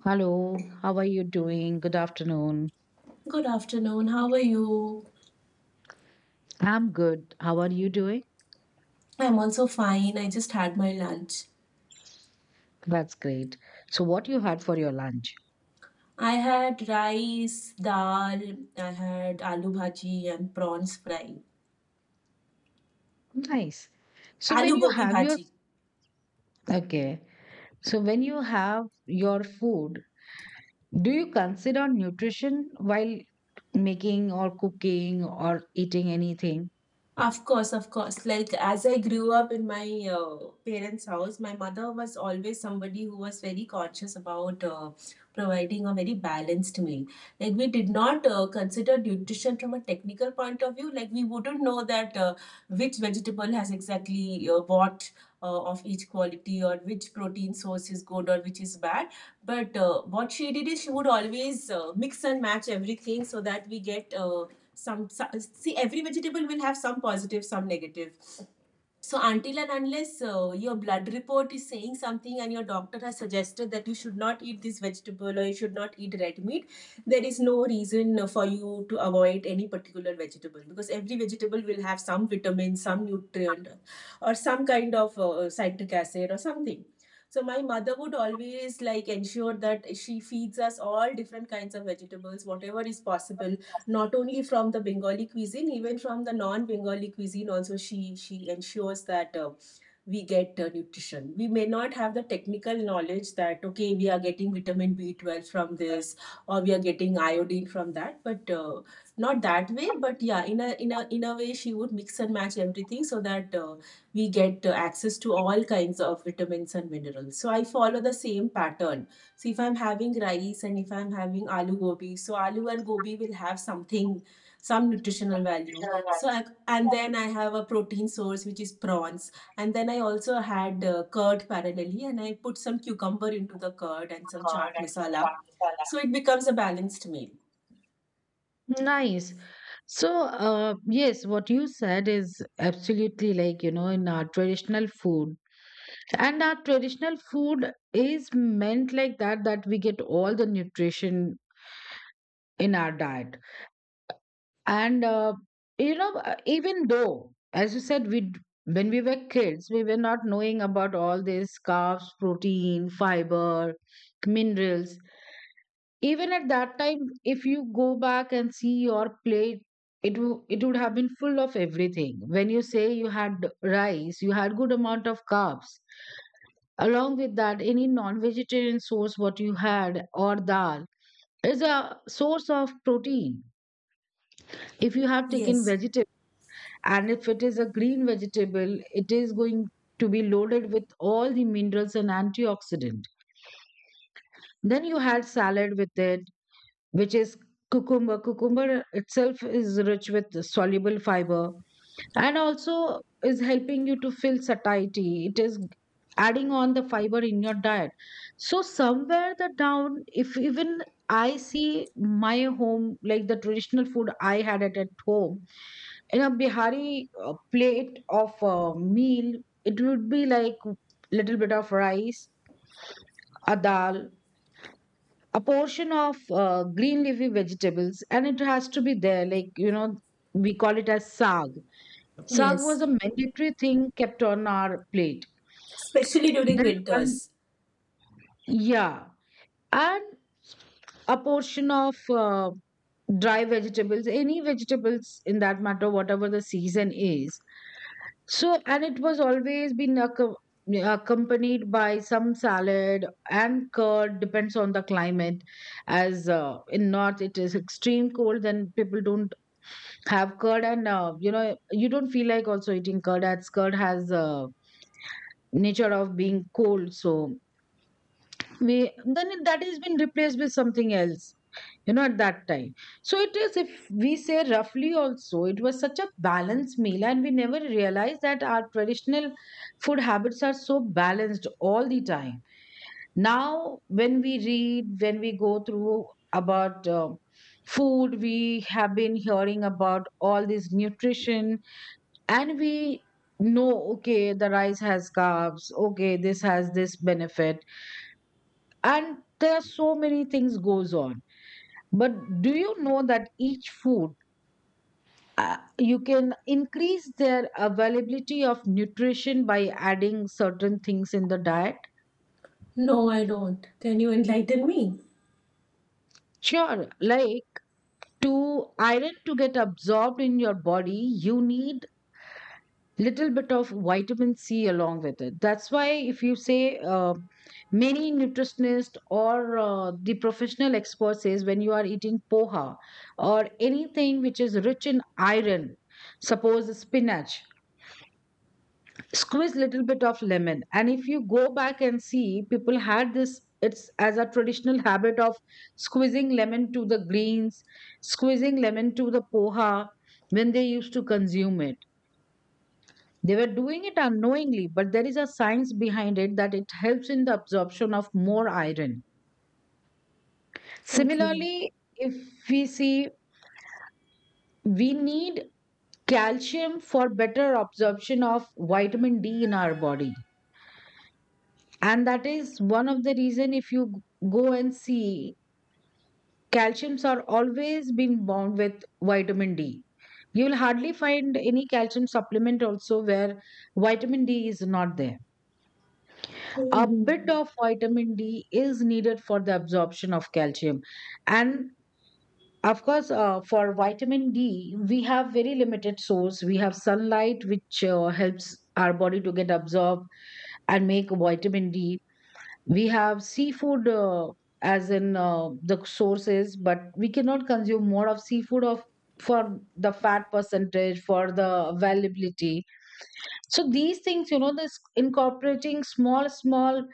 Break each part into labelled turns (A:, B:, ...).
A: Hello, how are you doing? Good afternoon.
B: Good afternoon. How are you?
A: I'm good. How are you doing?
B: I'm also fine. I just had my lunch.
A: That's great. So what you had for your lunch?
B: I had rice, dal, I had aloo bhaji and prawns fry.
A: Nice. So when
B: Aloo
A: you
B: gobi
A: have your
B: bhaji.
A: okay, so when you have your food, do you consider nutrition while making or cooking or eating anything?
B: Of course, of course. Like as I grew up in my parents' house, my mother was always somebody who was very conscious about providing a very balanced meal. Like we did not consider nutrition from a technical point of view. Like we wouldn't know that which vegetable has exactly what of each quality, or which protein source is good or which is bad. But what she did is, she would always mix and match everything so that we get. See every vegetable will have some positive, some negative, so until and unless your blood report is saying something and your doctor has suggested that you should not eat this vegetable or you should not eat red meat, there is no reason for you to avoid any particular vegetable, because every vegetable will have some vitamin, some nutrient, or some kind of citric acid or something. So my mother would always, like, ensure that she feeds us all different kinds of vegetables, whatever is possible, not only from the Bengali cuisine, even from the non-Bengali cuisine. Also, she ensures that. We get nutrition. We may not have the technical knowledge that, okay, we are getting vitamin B12 from this, or we are getting iodine from that, but not that way. But yeah, in a way, she would mix and match everything so that we get access to all kinds of vitamins and minerals. So I follow the same pattern. So if I'm having rice and if I'm having aloo gobi, so aloo and gobi will have something, some nutritional value. So, and then I have a protein source which is prawns, and then I also had curd parallelly, and I put some cucumber into the curd and some chaat masala. So it becomes a balanced meal.
A: Nice. So, yes, what you said is absolutely, like, you know, in our traditional food, and our traditional food is meant like that, that we get all the nutrition in our diet, and you know, even though, as you said, when we were kids, we were not knowing about all these carbs, protein, fiber, minerals. Even at that time, if you go back and see your plate, it would have been full of everything. When you say you had rice, you had good amount of carbs. Along with that, any non vegetarian source, what you had, or dal, is a source of protein. If you have taken
B: Yes,
A: vegetable, and if it is a green vegetable, it is going to be loaded with all the minerals and antioxidant. Then you had salad with it, which is cucumber. Cucumber itself is rich with soluble fiber, and also is helping you to feel satiety. It is adding on the fiber in your diet. So somewhere the down, if even I see my home, like the traditional food I had it at home, in a bihari plate of a meal, it would be like little bit of rice, a dal, a portion of green leafy vegetables, and it has to be there, like, you know, we call it as saag. Sag was
B: yes,
A: a mandatory thing kept on our plate.
B: especially during
A: Then one,
B: winters.
A: yeah, and a portion of dry vegetables, any vegetables in that matter, whatever the season is. So, and it was always been accompanied by some salad and curd, depends on the climate. As in north, it is extreme cold, then people don't have curd, and you know, you don't feel like also eating curd, as curd has. Nature of being cold. So that has been replaced with something else, you know, at that time. So it is, if we say roughly also, it was such a balanced meal, and we never realized that our traditional food habits are so balanced all the time. Now when we read, when we go through about food, we have been hearing about all this nutrition, and we know, okay, the rice has carbs, okay, this has this benefit, and there are so many things goes on. But do you know that each food, you can increase their availability of nutrition by adding certain things in the diet?
B: No, I don't. Can you enlighten me?
A: Sure, like, to iron to get absorbed in your body, you need little bit of vitamin C along with it. That's why, if you say, many nutritionist or the professional expert says, when you are eating poha or anything which is rich in iron, suppose spinach, squeeze little bit of lemon. And if you go back and see, people had this. It's as a traditional habit of squeezing lemon to the greens, squeezing lemon to the poha when they used to consume it. They were doing it unknowingly, but there is a science behind it, that it helps in the absorption of more iron.
B: Okay.
A: Similarly, if we see, we need calcium for better absorption of vitamin D in our body. And that is one of the reason, if you go and see, calciums are always been bound with vitamin D. You will hardly find any calcium supplement also where vitamin D is not there. A
B: Hmm.
A: bit of vitamin D is needed for the absorption of calcium. And of course, for vitamin D, we have very limited source. We have sunlight, which helps our body to get absorbed and make vitamin D. We have seafood, as in the sources, but we cannot consume more of seafood of, for the fat percentage, for the availability. So these things, you know, this incorporating small, small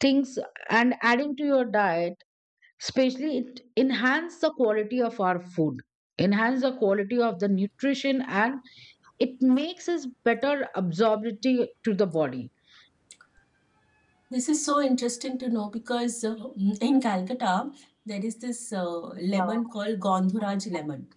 A: things and adding to your diet, especially it enhance the quality of our food, enhance the quality of the nutrition, and it makes us better absorbability to the body.
B: This is so interesting to know, because in Calcutta there is this lemon called Gandhuraj lemon.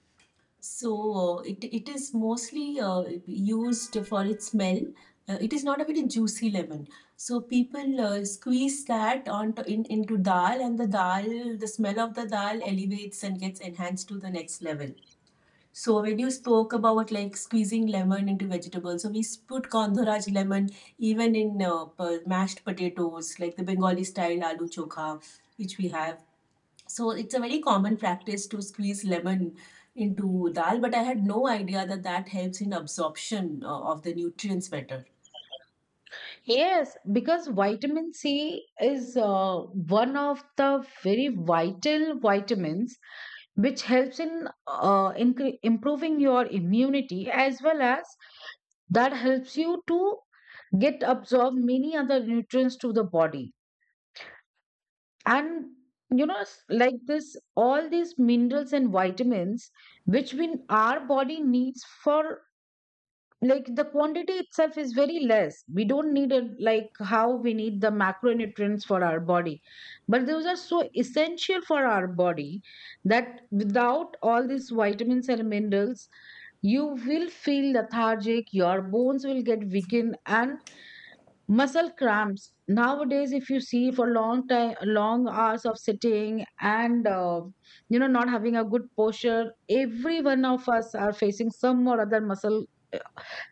B: So, it is mostly used for its smell. It is not a very juicy lemon. So people squeeze that onto, into dal, and the dal, the smell of the dal elevates and gets enhanced to the next level. So when you spoke about, like, squeezing lemon into vegetables, so we put Kandhoraj lemon even in mashed potatoes, like the Bengali style aloo chokha, which we have. So it's a very common practice to squeeze lemon into dal, but I had no idea that that helps in absorption of the nutrients better.
A: Yes, because vitamin C is one of the very vital vitamins which helps in improving your immunity, as well as that helps you to get absorb many other nutrients to the body. And you know, like this, all these minerals and vitamins which we, our body needs for, like the quantity itself is very less. We don't need it like how we need the macronutrients for our body, but those are so essential for our body that without all these vitamins and minerals, you will feel lethargic, your bones will get weakened, and muscle cramps. Nowadays, if you see, for long time, long hours of sitting and you know, not having a good posture, every one of us are facing some or other muscle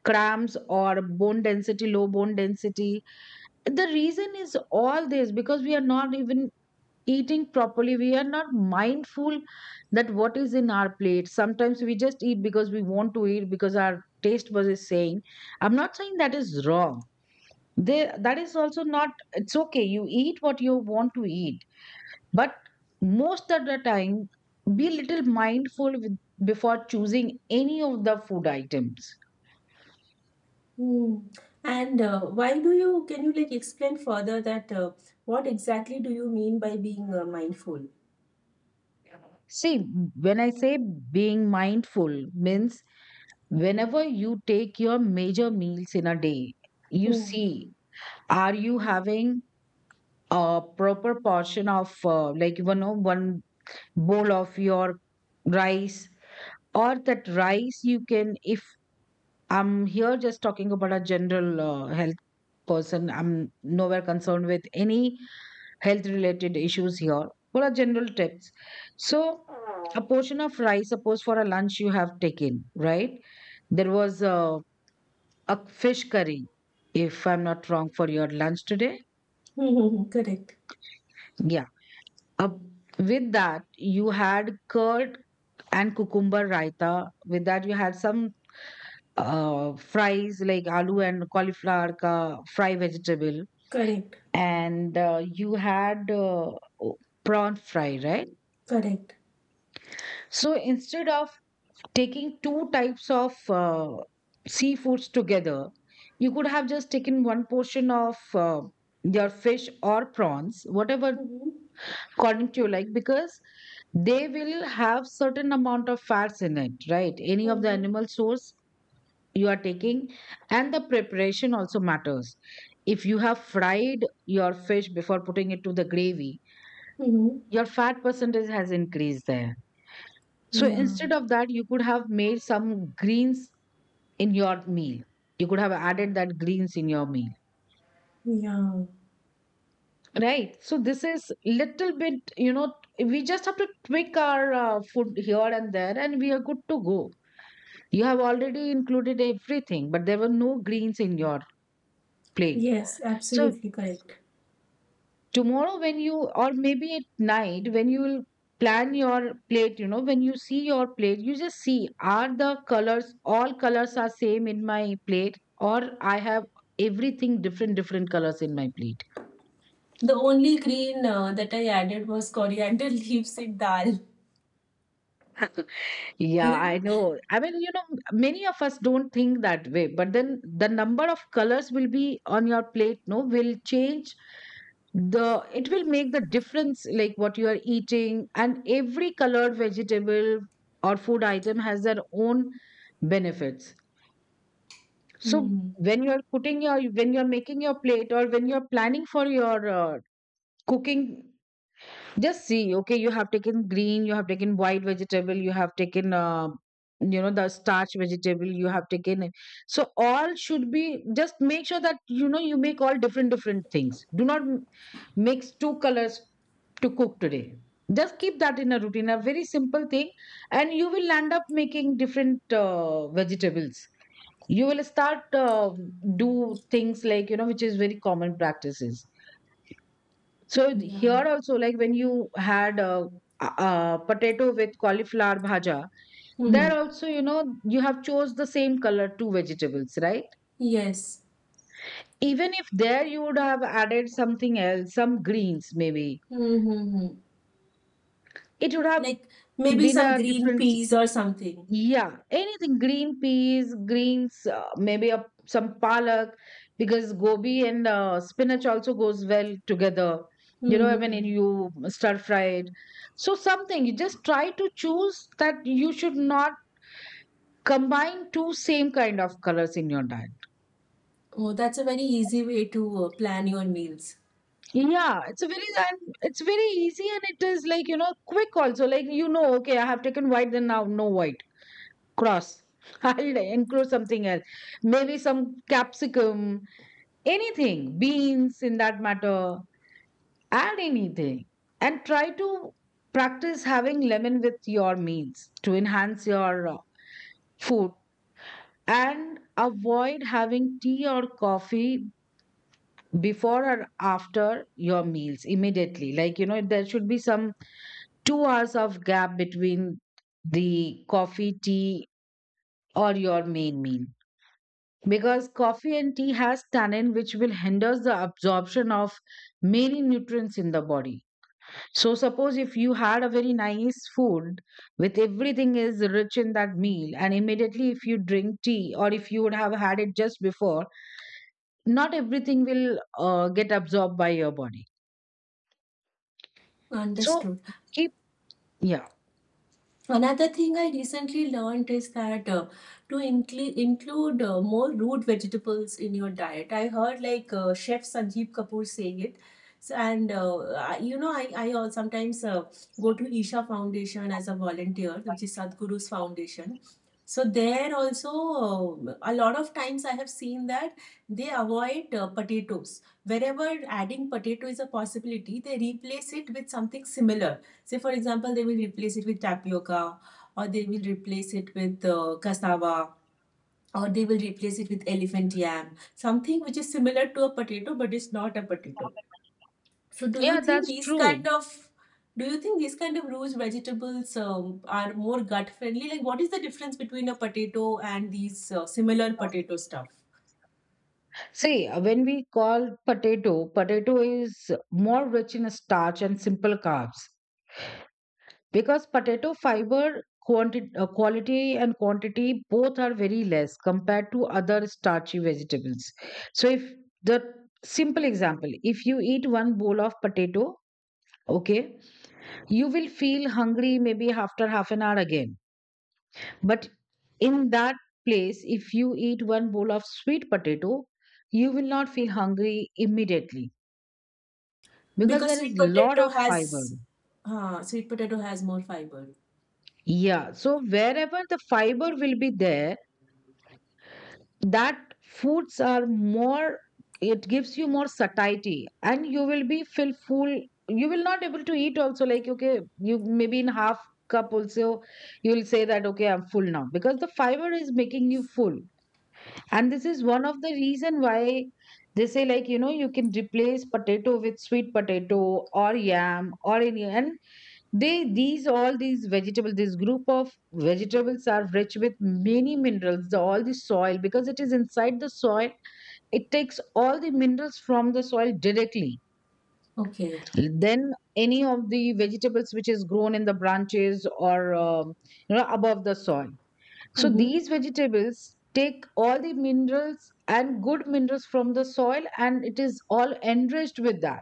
A: cramps or bone density, low bone density. The reason is all this, because we are not even eating properly, we are not mindful that what is in our plate. Sometimes we just eat because we want to eat, because our taste buzz is saying. I'm not saying that is wrong. They, that is also not, it's okay, you eat what you want to eat. But most of the time, be little mindful with, before choosing any of the food items.
B: Hmm. And can you, like, explain further that, what exactly do you mean by being mindful?
A: See, when I say being mindful means, whenever you take your major meals in a day, you
B: Hmm.
A: see, are you having a proper portion of like, you know, one bowl of your rice, or that rice you can, if I'm here just talking about a general health person. I'm nowhere concerned with any health related issues here. What are general tips? So, a portion of rice, suppose for a lunch you have taken, right? There was a fish curry, if I'm not wrong, for your lunch today.
B: Correct.
A: Yeah. Uh, with that, you had curd and cucumber raita. With that, you had some fries, like aloo and cauliflower ka fry vegetable,
B: Correct.
A: and you had o- prawn fry, right?
B: Correct.
A: So instead of taking two types of seafoods together, you could have just taken one portion of your fish or prawns, whatever
B: Mm-hmm.
A: according to you, like, because they will have certain amount of fats in it, right? Any of the
B: Mm-hmm.
A: animal source you are taking, and the preparation also matters. If you have fried your fish before putting it to the gravy,
B: Mm-hmm.
A: your fat percentage has increased there. So
B: Yeah,
A: instead of that, you could have made some greens in your meal. You could have added that greens in your meal,
B: yeah.
A: right? So this is little bit, you know, we just have to tweak our food here and there, and we are good to go. You have already included everything, but there were no greens in your plate.
B: Yes,
A: So
B: absolutely correct.
A: tomorrow when you, or maybe at night when you will plan your plate, you know, when you see your plate, you just see, are the colors, all colors are same in my plate, or I have everything different, different colors in my plate.
B: The only green that I added was coriander leaves in dal.
A: Yeah, I know. I mean, you know, many of us don't think that way, but then the number of colors will be on your plate, no, will change. The, it will make the difference, like what you are eating, and every colored vegetable or food item has their own benefits. So
B: Mm-hmm.
A: when you're putting your, when you're making your plate, or when you're planning for your cooking, just see, okay, you have taken green, you have taken white vegetable, you have taken you know, the starch vegetable, you have taken it. So all should be, just make sure that, you know, you make all different, different things. Do not mix two colors to cook today. Just keep that in a routine, a very simple thing, and you will end up making different vegetables. You will start do things, like, you know, which is very common practices. So
B: Yeah.
A: here also, like when you had a potato with cauliflower bhaja,
B: Mm-hmm.
A: there also, you know, you have chose the same color two vegetables, right?
B: Yes.
A: Even if there you would have added something else, some greens maybe,
B: Mm-hmm.
A: it would have
B: Like maybe
A: been
B: some
A: a
B: green
A: different.
B: peas or something.
A: Yeah, anything, green peas, greens, maybe some palak, because gobi and spinach also goes well together. You know, when
B: Mm-hmm.
A: you stir fry it. So something, you just try to choose that you should not combine two same kind of colors in your diet.
B: Oh, that's a very easy way to plan your meals.
A: Yeah, it's a very, and it's very easy, and it is, like, you know, quick also. Like, you know, okay, I have taken white, then now no white. Cross. I'll include something else. Maybe some capsicum anything, beans in that matter, add anything. And try to practice having lemon with your meals to enhance your food, and avoid having tea or coffee before or after your meals immediately. There should be some 2 hours of gap between the coffee, tea, or your main meal. Because coffee and tea has tannin which will hinder the absorption of many nutrients in the body. So suppose if you had a very nice food with everything is rich in that meal and immediately if you drink tea or if you would have had it just before, not everything will get absorbed by your body. So
B: Understood.
A: keep, yeah.
B: Another thing I recently learned is that to include more root vegetables in your diet. I heard, like, Chef Sanjeev Kapoor saying it. So, and I, you know, I al- sometimes go to Isha Foundation as a volunteer, which is Sadhguru's foundation. So there also, a lot of times I have seen that they avoid potatoes. Wherever adding potato is a possibility, they replace it with something similar. Say, for example, they will replace it with tapioca, or they will replace it with cassava, or they will replace it with elephant yam, something which is similar to a potato but is not a potato. So
A: Yeah, that's true.
B: do you think these kind of roast vegetables, are more gut friendly? Like, what is the difference between a potato and these similar potato stuff?
A: See, when we call potato, potato is more rich in starch and simple carbs. Because potato fiber quantity, quality and quantity both are very less compared to other starchy vegetables. So if the simple example, if you eat one bowl of potato, okay, you will feel hungry maybe after half an hour again. But in that place, if you eat one bowl of sweet potato, you will not feel hungry immediately because
B: Because
A: there is
B: sweet
A: lot
B: potato
A: of fiber.
B: has more fiber.
A: Yeah, so wherever the fiber will be there, that foods are more, it gives you more satiety and you will be feel full. You will not able to eat also, like okay, you maybe in half cup also you will say that okay, I'm full now because the fiber is making you full. And this is one of the reason why they say, you can replace potato with sweet potato or yam or any. And they, these all these vegetables, this group of vegetables are rich with many minerals. The, all the soil, because it is inside the soil, it takes all the minerals from the soil directly.
B: Okay.
A: Then any of the vegetables which is grown in the branches or above the soil. So
B: Mm-hmm.
A: these vegetables take all the minerals and good minerals from the soil, and it is all enriched with that.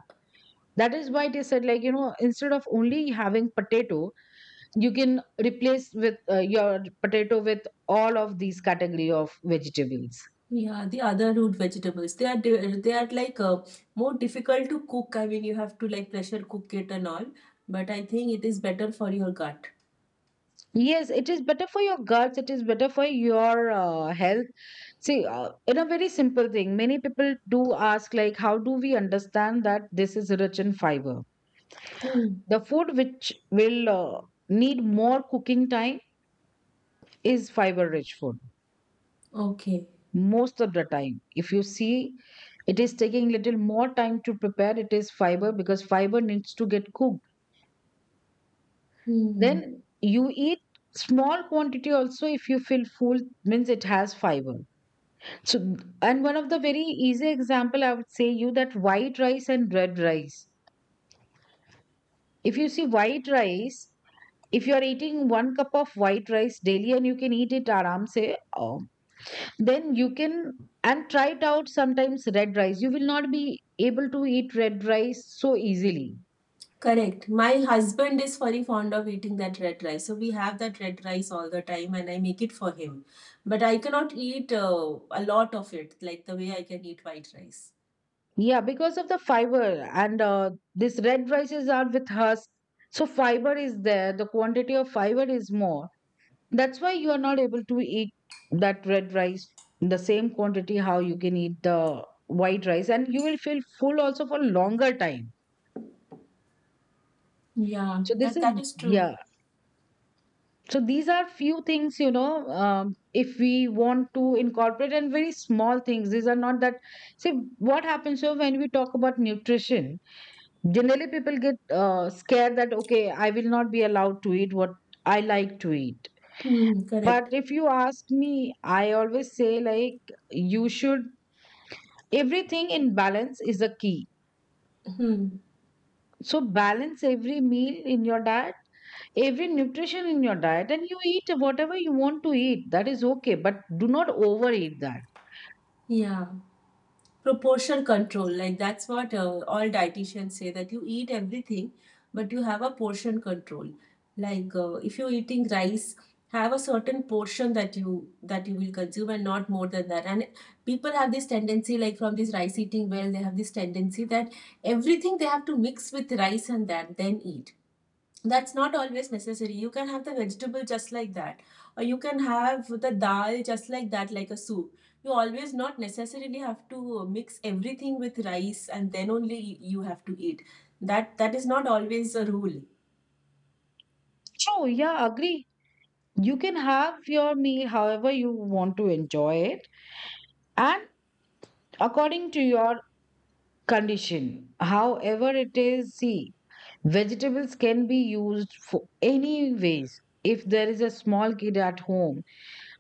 A: That is why they said, instead of only having potato, you can replace with your potato with all of these category of vegetables.
B: Yeah, the other root vegetables, they are, like, more difficult to cook. I mean, you have to, like, pressure cook it and all, but I think it is better for your gut.
A: Yes, it is better for your guts, it is better for your health. See, in a very simple thing, many people do ask like, how do we understand that this is rich in fiber?
B: Hmm.
A: The food which will need more cooking time is fiber rich food.
B: Okay.
A: Most of the time if you see, it is taking little more time to prepare, it is fiber, because fiber needs to get cooked.
B: Hmm.
A: Then you eat small quantity also, if you feel full, means it has fiber. So, and one of the very easy example I would say you that white rice and red rice. If you see white rice, if you are eating one cup of white rice daily and you can eat it aram se, then you can and try it out sometimes red rice. You will not be able to eat red rice so easily.
B: Correct. My husband is very fond of eating that red rice. So we have that red rice all the time and I make it for him. But I cannot eat a lot of it, like the way I can eat white rice.
A: Yeah, because of the fiber, and this red rices are with husk. So fiber is there. The quantity of fiber is more. That's why you are not able to eat that red rice in the same quantity how you can eat the white rice, and you will feel full also for longer time.
B: Yeah,
A: So this
B: that
A: is,
B: that is true.
A: yeah. So these are few things. If we want to incorporate, and very small things, these are not that. See what happens. So when we talk about nutrition, generally people get scared that, okay, I will not be allowed to eat what I like to eat.
B: Hmm,
A: But
B: correct.
A: if you ask me, I always say, like, you should, everything in balance is a key.
B: Hmm,
A: So, balance every meal in your diet, every nutrition in your diet, and you eat whatever you want to eat. That is okay, but do not overeat that.
B: yeah. Proportion control, like, that's what all dietitians say: that you eat everything, but you have a portion control. Like, if you're eating rice, have a certain portion that you will consume, and not more than that. And people have this tendency, like, from this rice eating, well, they have this tendency that everything they have to mix with rice and that then eat. That's not always necessary. You can have the vegetable just like that, or you can have the dal just like that, like a soup. You always not necessarily have to mix everything with rice and then only you have to eat. That is not always a rule.
A: So, yeah, agree. You can have your meal however you want to enjoy it, and according to your condition. However, it is, see, vegetables can be used for any ways. If there is a small kid at home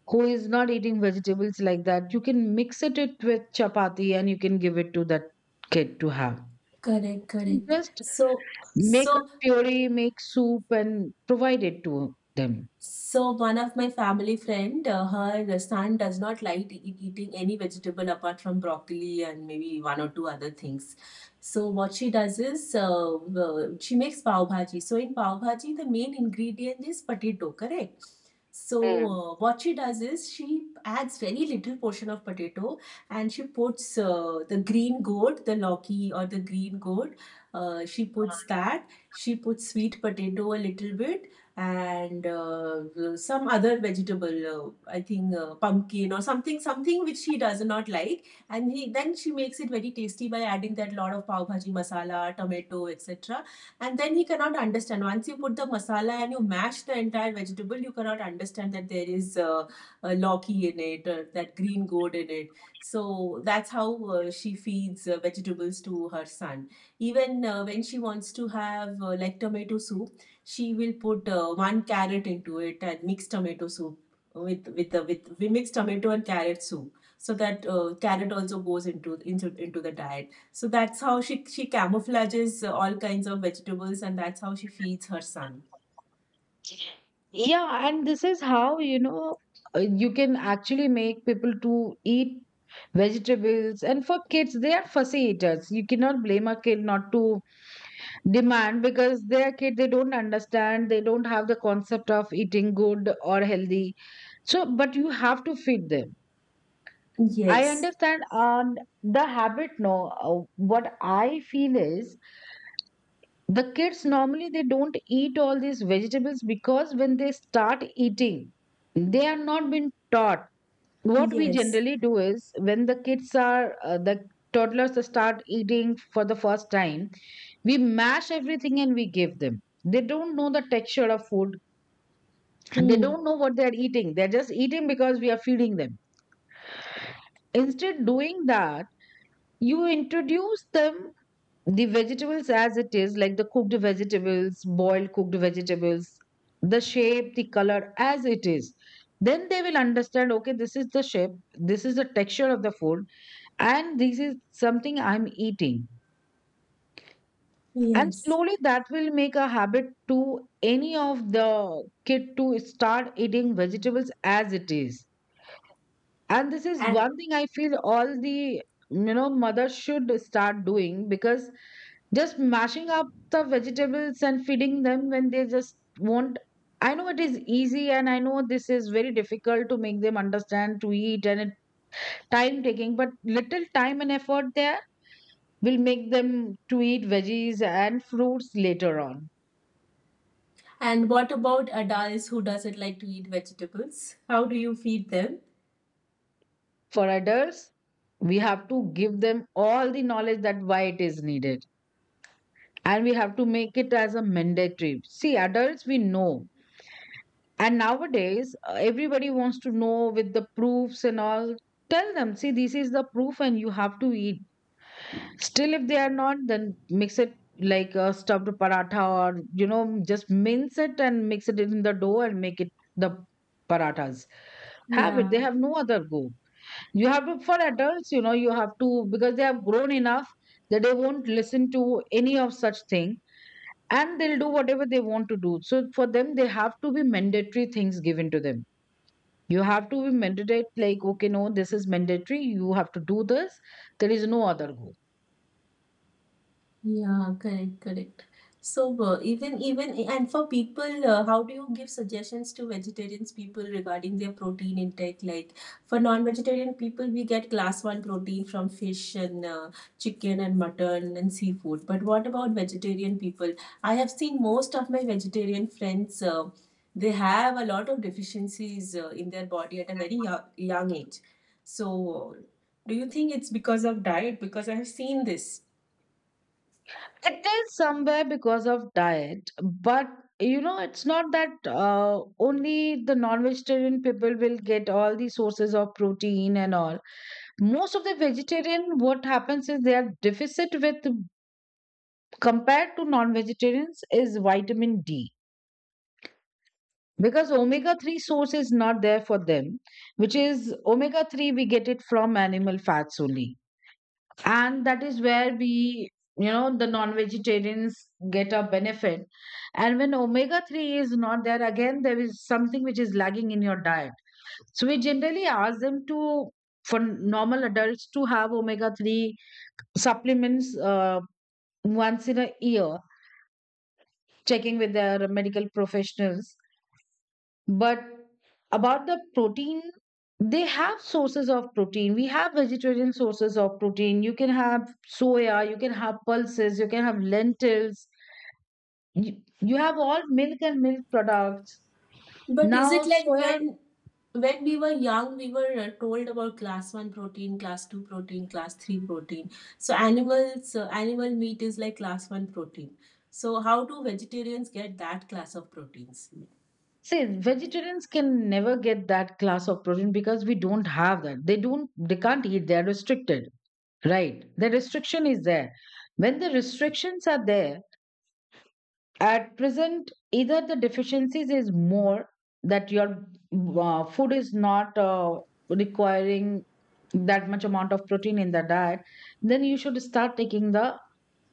A: who is not eating vegetables like that, you can mix it with chapati and you can give it to that kid to have.
B: Correct, correct.
A: Just
B: So
A: make a
B: so
A: puree, make soup, and provide it to them.
B: So one of my family friend, her son does not like eating any vegetable apart from broccoli and maybe one or two other things. So what she does is, she makes pav bhaji. So in pav bhaji, the main ingredient is potato, correct? So what she does is, she adds very little portion of potato, and she puts the green gourd, the loki, or the green gourd. She puts that. She puts sweet potato a little bit, and some other vegetable, I think pumpkin or something which she does not like. And he, then she makes it very tasty by adding that lot of pav bhaji masala, tomato, etc. And then he cannot understand. Once you put the masala and you mash the entire vegetable, you cannot understand that there is a loki in it, or that green gourd in it. So that's how she feeds vegetables to her son. Even when she wants to have, like, tomato soup, she will put one carrot into it and mix tomato soup with the with we mix tomato and carrot soup, so that carrot also goes into the diet. So that's how she camouflages all kinds of vegetables, and that's how she feeds her son.
A: Yeah, and this is how, you can actually make people to eat vegetables. And for kids, they are fussy eaters. You cannot blame a kid not to demand, because they are kid, they don't understand, they don't have the concept of eating good or healthy. So, but you have to feed them. I
B: Yes.
A: understand, and the habit, no, what I feel is, the kids normally they don't eat all these vegetables because when they start eating, they are not been taught. What we
B: Yes.
A: generally do is, when the kids are the toddlers start eating for the first time, we mash everything and we give them. They don't know the texture of food, and they
B: Hmm.
A: don't know what they are eating, they're just eating because we are feeding them. Instead doing that, you introduce them the vegetables, as it is, like the cooked vegetables, boiled cooked vegetables, the shape, the color, as it is. Then they will understand, okay, this is the shape, this is the texture of the food, and this is something I'm eating. And
B: Yes.
A: slowly that will make a habit to any of the kid to start eating vegetables as it is. And this is
B: And
A: one thing I feel all the mothers should start doing, because just mashing up the vegetables and feeding them when they just won't. I know it is easy, and I know this is very difficult to make them understand to eat, and it time taking, but little time and effort there will make them to eat veggies and fruits later on.
B: and what about adults who doesn't like to eat vegetables? How do you feed them?
A: For adults, we have to give them all the knowledge that why it is needed, and we have to make it as a mandatory. See, adults, we know. And nowadays, everybody wants to know with the proofs and all. Tell them, see, this is the proof and you have to eat. Still, if they are not, then mix it like a stuffed paratha or, just mince it and mix it in the dough and make it the parathas. Have it. They
B: Yeah.
A: have no other go. You have to, for adults, you have to, because they have grown enough that they won't listen to any of such thing, and they'll do whatever they want to do. So for them, they have to be mandatory things given to them. You have to be mandatory, like, okay, no, this is mandatory. You have to do this. There is no other go.
B: Yeah, correct, correct. So even even and for people, how do you give suggestions to vegetarians people regarding their protein intake? Like, for non-vegetarian people, we get class one protein from fish and chicken and mutton and seafood. But what about vegetarian people? I have seen most of my vegetarian friends. They have a lot of deficiencies in their body at a very young, young age. So, do you think it's because of diet? Because I have seen this.
A: It is somewhere because of diet, but it's not that only the non vegetarian people will get all the sources of protein and all. Most of the vegetarian, what happens is, they are deficit with, compared to non vegetarians, is vitamin D, because omega 3 source is not there for them, which is omega 3 we get it from animal fats only. And that is where we, the non vegetarians get a benefit. And when omega 3 is not there, again there is something which is lagging in your diet. So we generally ask them to, for normal adults, to have omega 3 supplements once in a year, checking with their medical professionals. But about the protein, they have sources of protein. We have vegetarian sources of protein. You can have soya, you can have pulses, you can have lentils. You have all milk and milk products.
B: But is
A: Now,
B: it like,
A: soya,
B: when we were young, we were told about class one protein, class two protein, class three protein. So, animal meat is like class one protein. So how do vegetarians get that class of proteins?
A: see, vegetarians can never get that class of protein because we don't have that. They don't, they can't eat, they're restricted, right? The restriction is there. When the restrictions are there, at present, either the deficiencies is more, that your food is not requiring that much amount of protein in the diet, then you should start taking the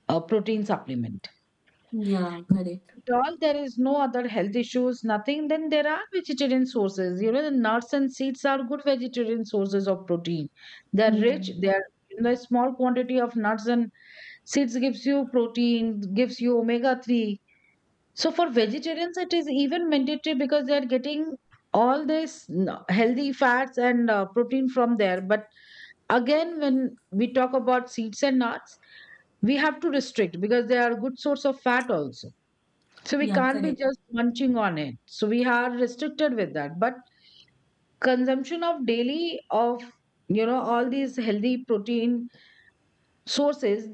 A: protein supplement.
B: Yeah, correct.
A: At all, there is no other health issues, nothing. Then there are vegetarian sources. The nuts and seeds are good vegetarian sources of protein. They're rich.
B: Hmm.
A: They're in the small quantity of nuts and seeds gives you protein, gives you omega three. So for vegetarians, it is even mandatory because they are getting all this n- healthy fats and protein from there. But again, when we talk about seeds and nuts, we have to restrict because they are a good source of fat also. So we
B: Yeah,
A: can't be
B: correct.
A: just munching on it. So we are restricted with that. But consumption of daily of all these healthy protein sources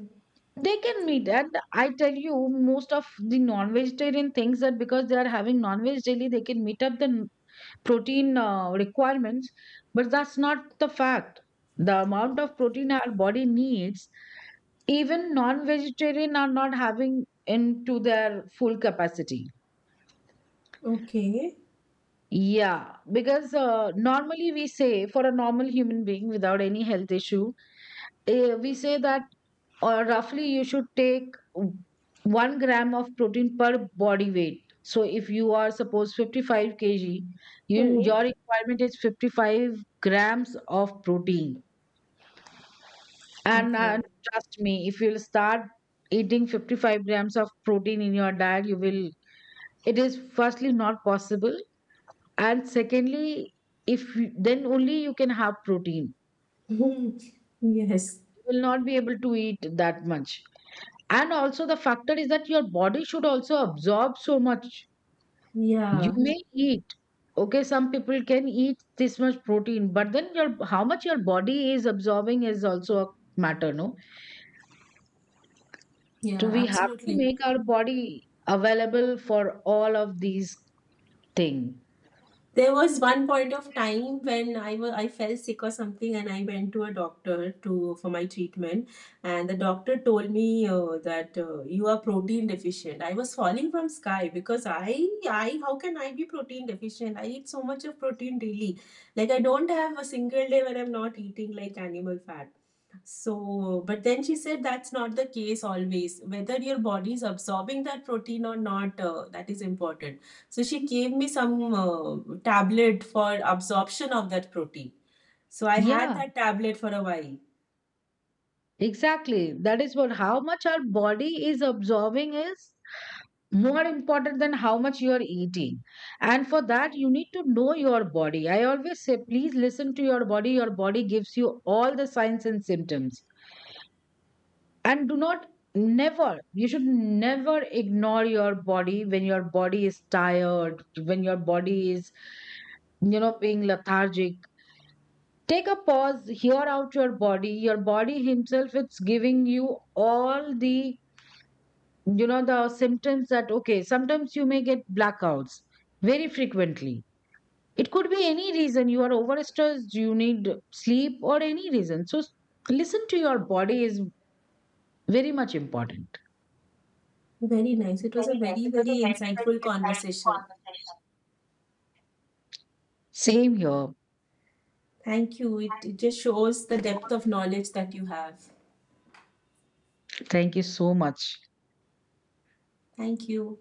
A: they can meet. And I tell you, most of the non-vegetarian things that because they are having non-veg daily they can meet up the n- protein requirements. But that's not the fact. The amount of protein our body needs, even non-vegetarian are not having into their full capacity.
B: Okay.
A: Yeah, because normally we say, for a normal human being without any health issue, eh, we say that or roughly you should take 1 gram of protein per body weight. So if you are suppose 55 kg, you,
B: Mm-hmm.
A: your requirement is 55 grams of protein. And
B: Okay.
A: trust me, if you'll start eating 55 grams of protein in your diet, you will, it is firstly not possible. And secondly, if you- then only you can have protein, you
B: Yes.
A: will not be able to eat that much. And also, the factor is that your body should also absorb so much. You
B: Yeah.
A: Mm. may eat, okay, some people can eat this much protein, but then your how much your body is absorbing is also a matter, no?
B: Yeah,
A: So we have to
B: absolutely.
A: make our body available for all of these things.
B: There was one point of time when I felt sick or something, and I went to a doctor to for my treatment, and the doctor told me, that you are protein deficient. I was falling from sky, because I how can I be protein deficient? I eat so much of protein daily, like, I don't have a single day when I'm not eating, like, animal fat. So, but then she said that's not the case always. Whether your body is absorbing that protein or not, that is important. So, she gave me some tablet for absorption of that protein. So, I had
A: Yeah,
B: that tablet for a while.
A: exactly. That is what, how much our body is absorbing is more important than how much you are eating. And for that, you need to know your body. I always say, please listen to your body. Your body gives you all the signs and symptoms. And do not never, you should never ignore your body when your body is tired, when your body is, being lethargic. Take a pause, hear out your body. Your body himself, it's giving you all the the symptoms that okay, sometimes you may get blackouts very frequently. It could be any reason, you are overstressed, you need sleep, or any reason. So s- listen to your body is very much important.
B: Very nice. It was a very, very insightful conversation.
A: Same here.
B: Thank you. It just shows the depth of knowledge that you have.
A: Thank you so much.
B: Thank you.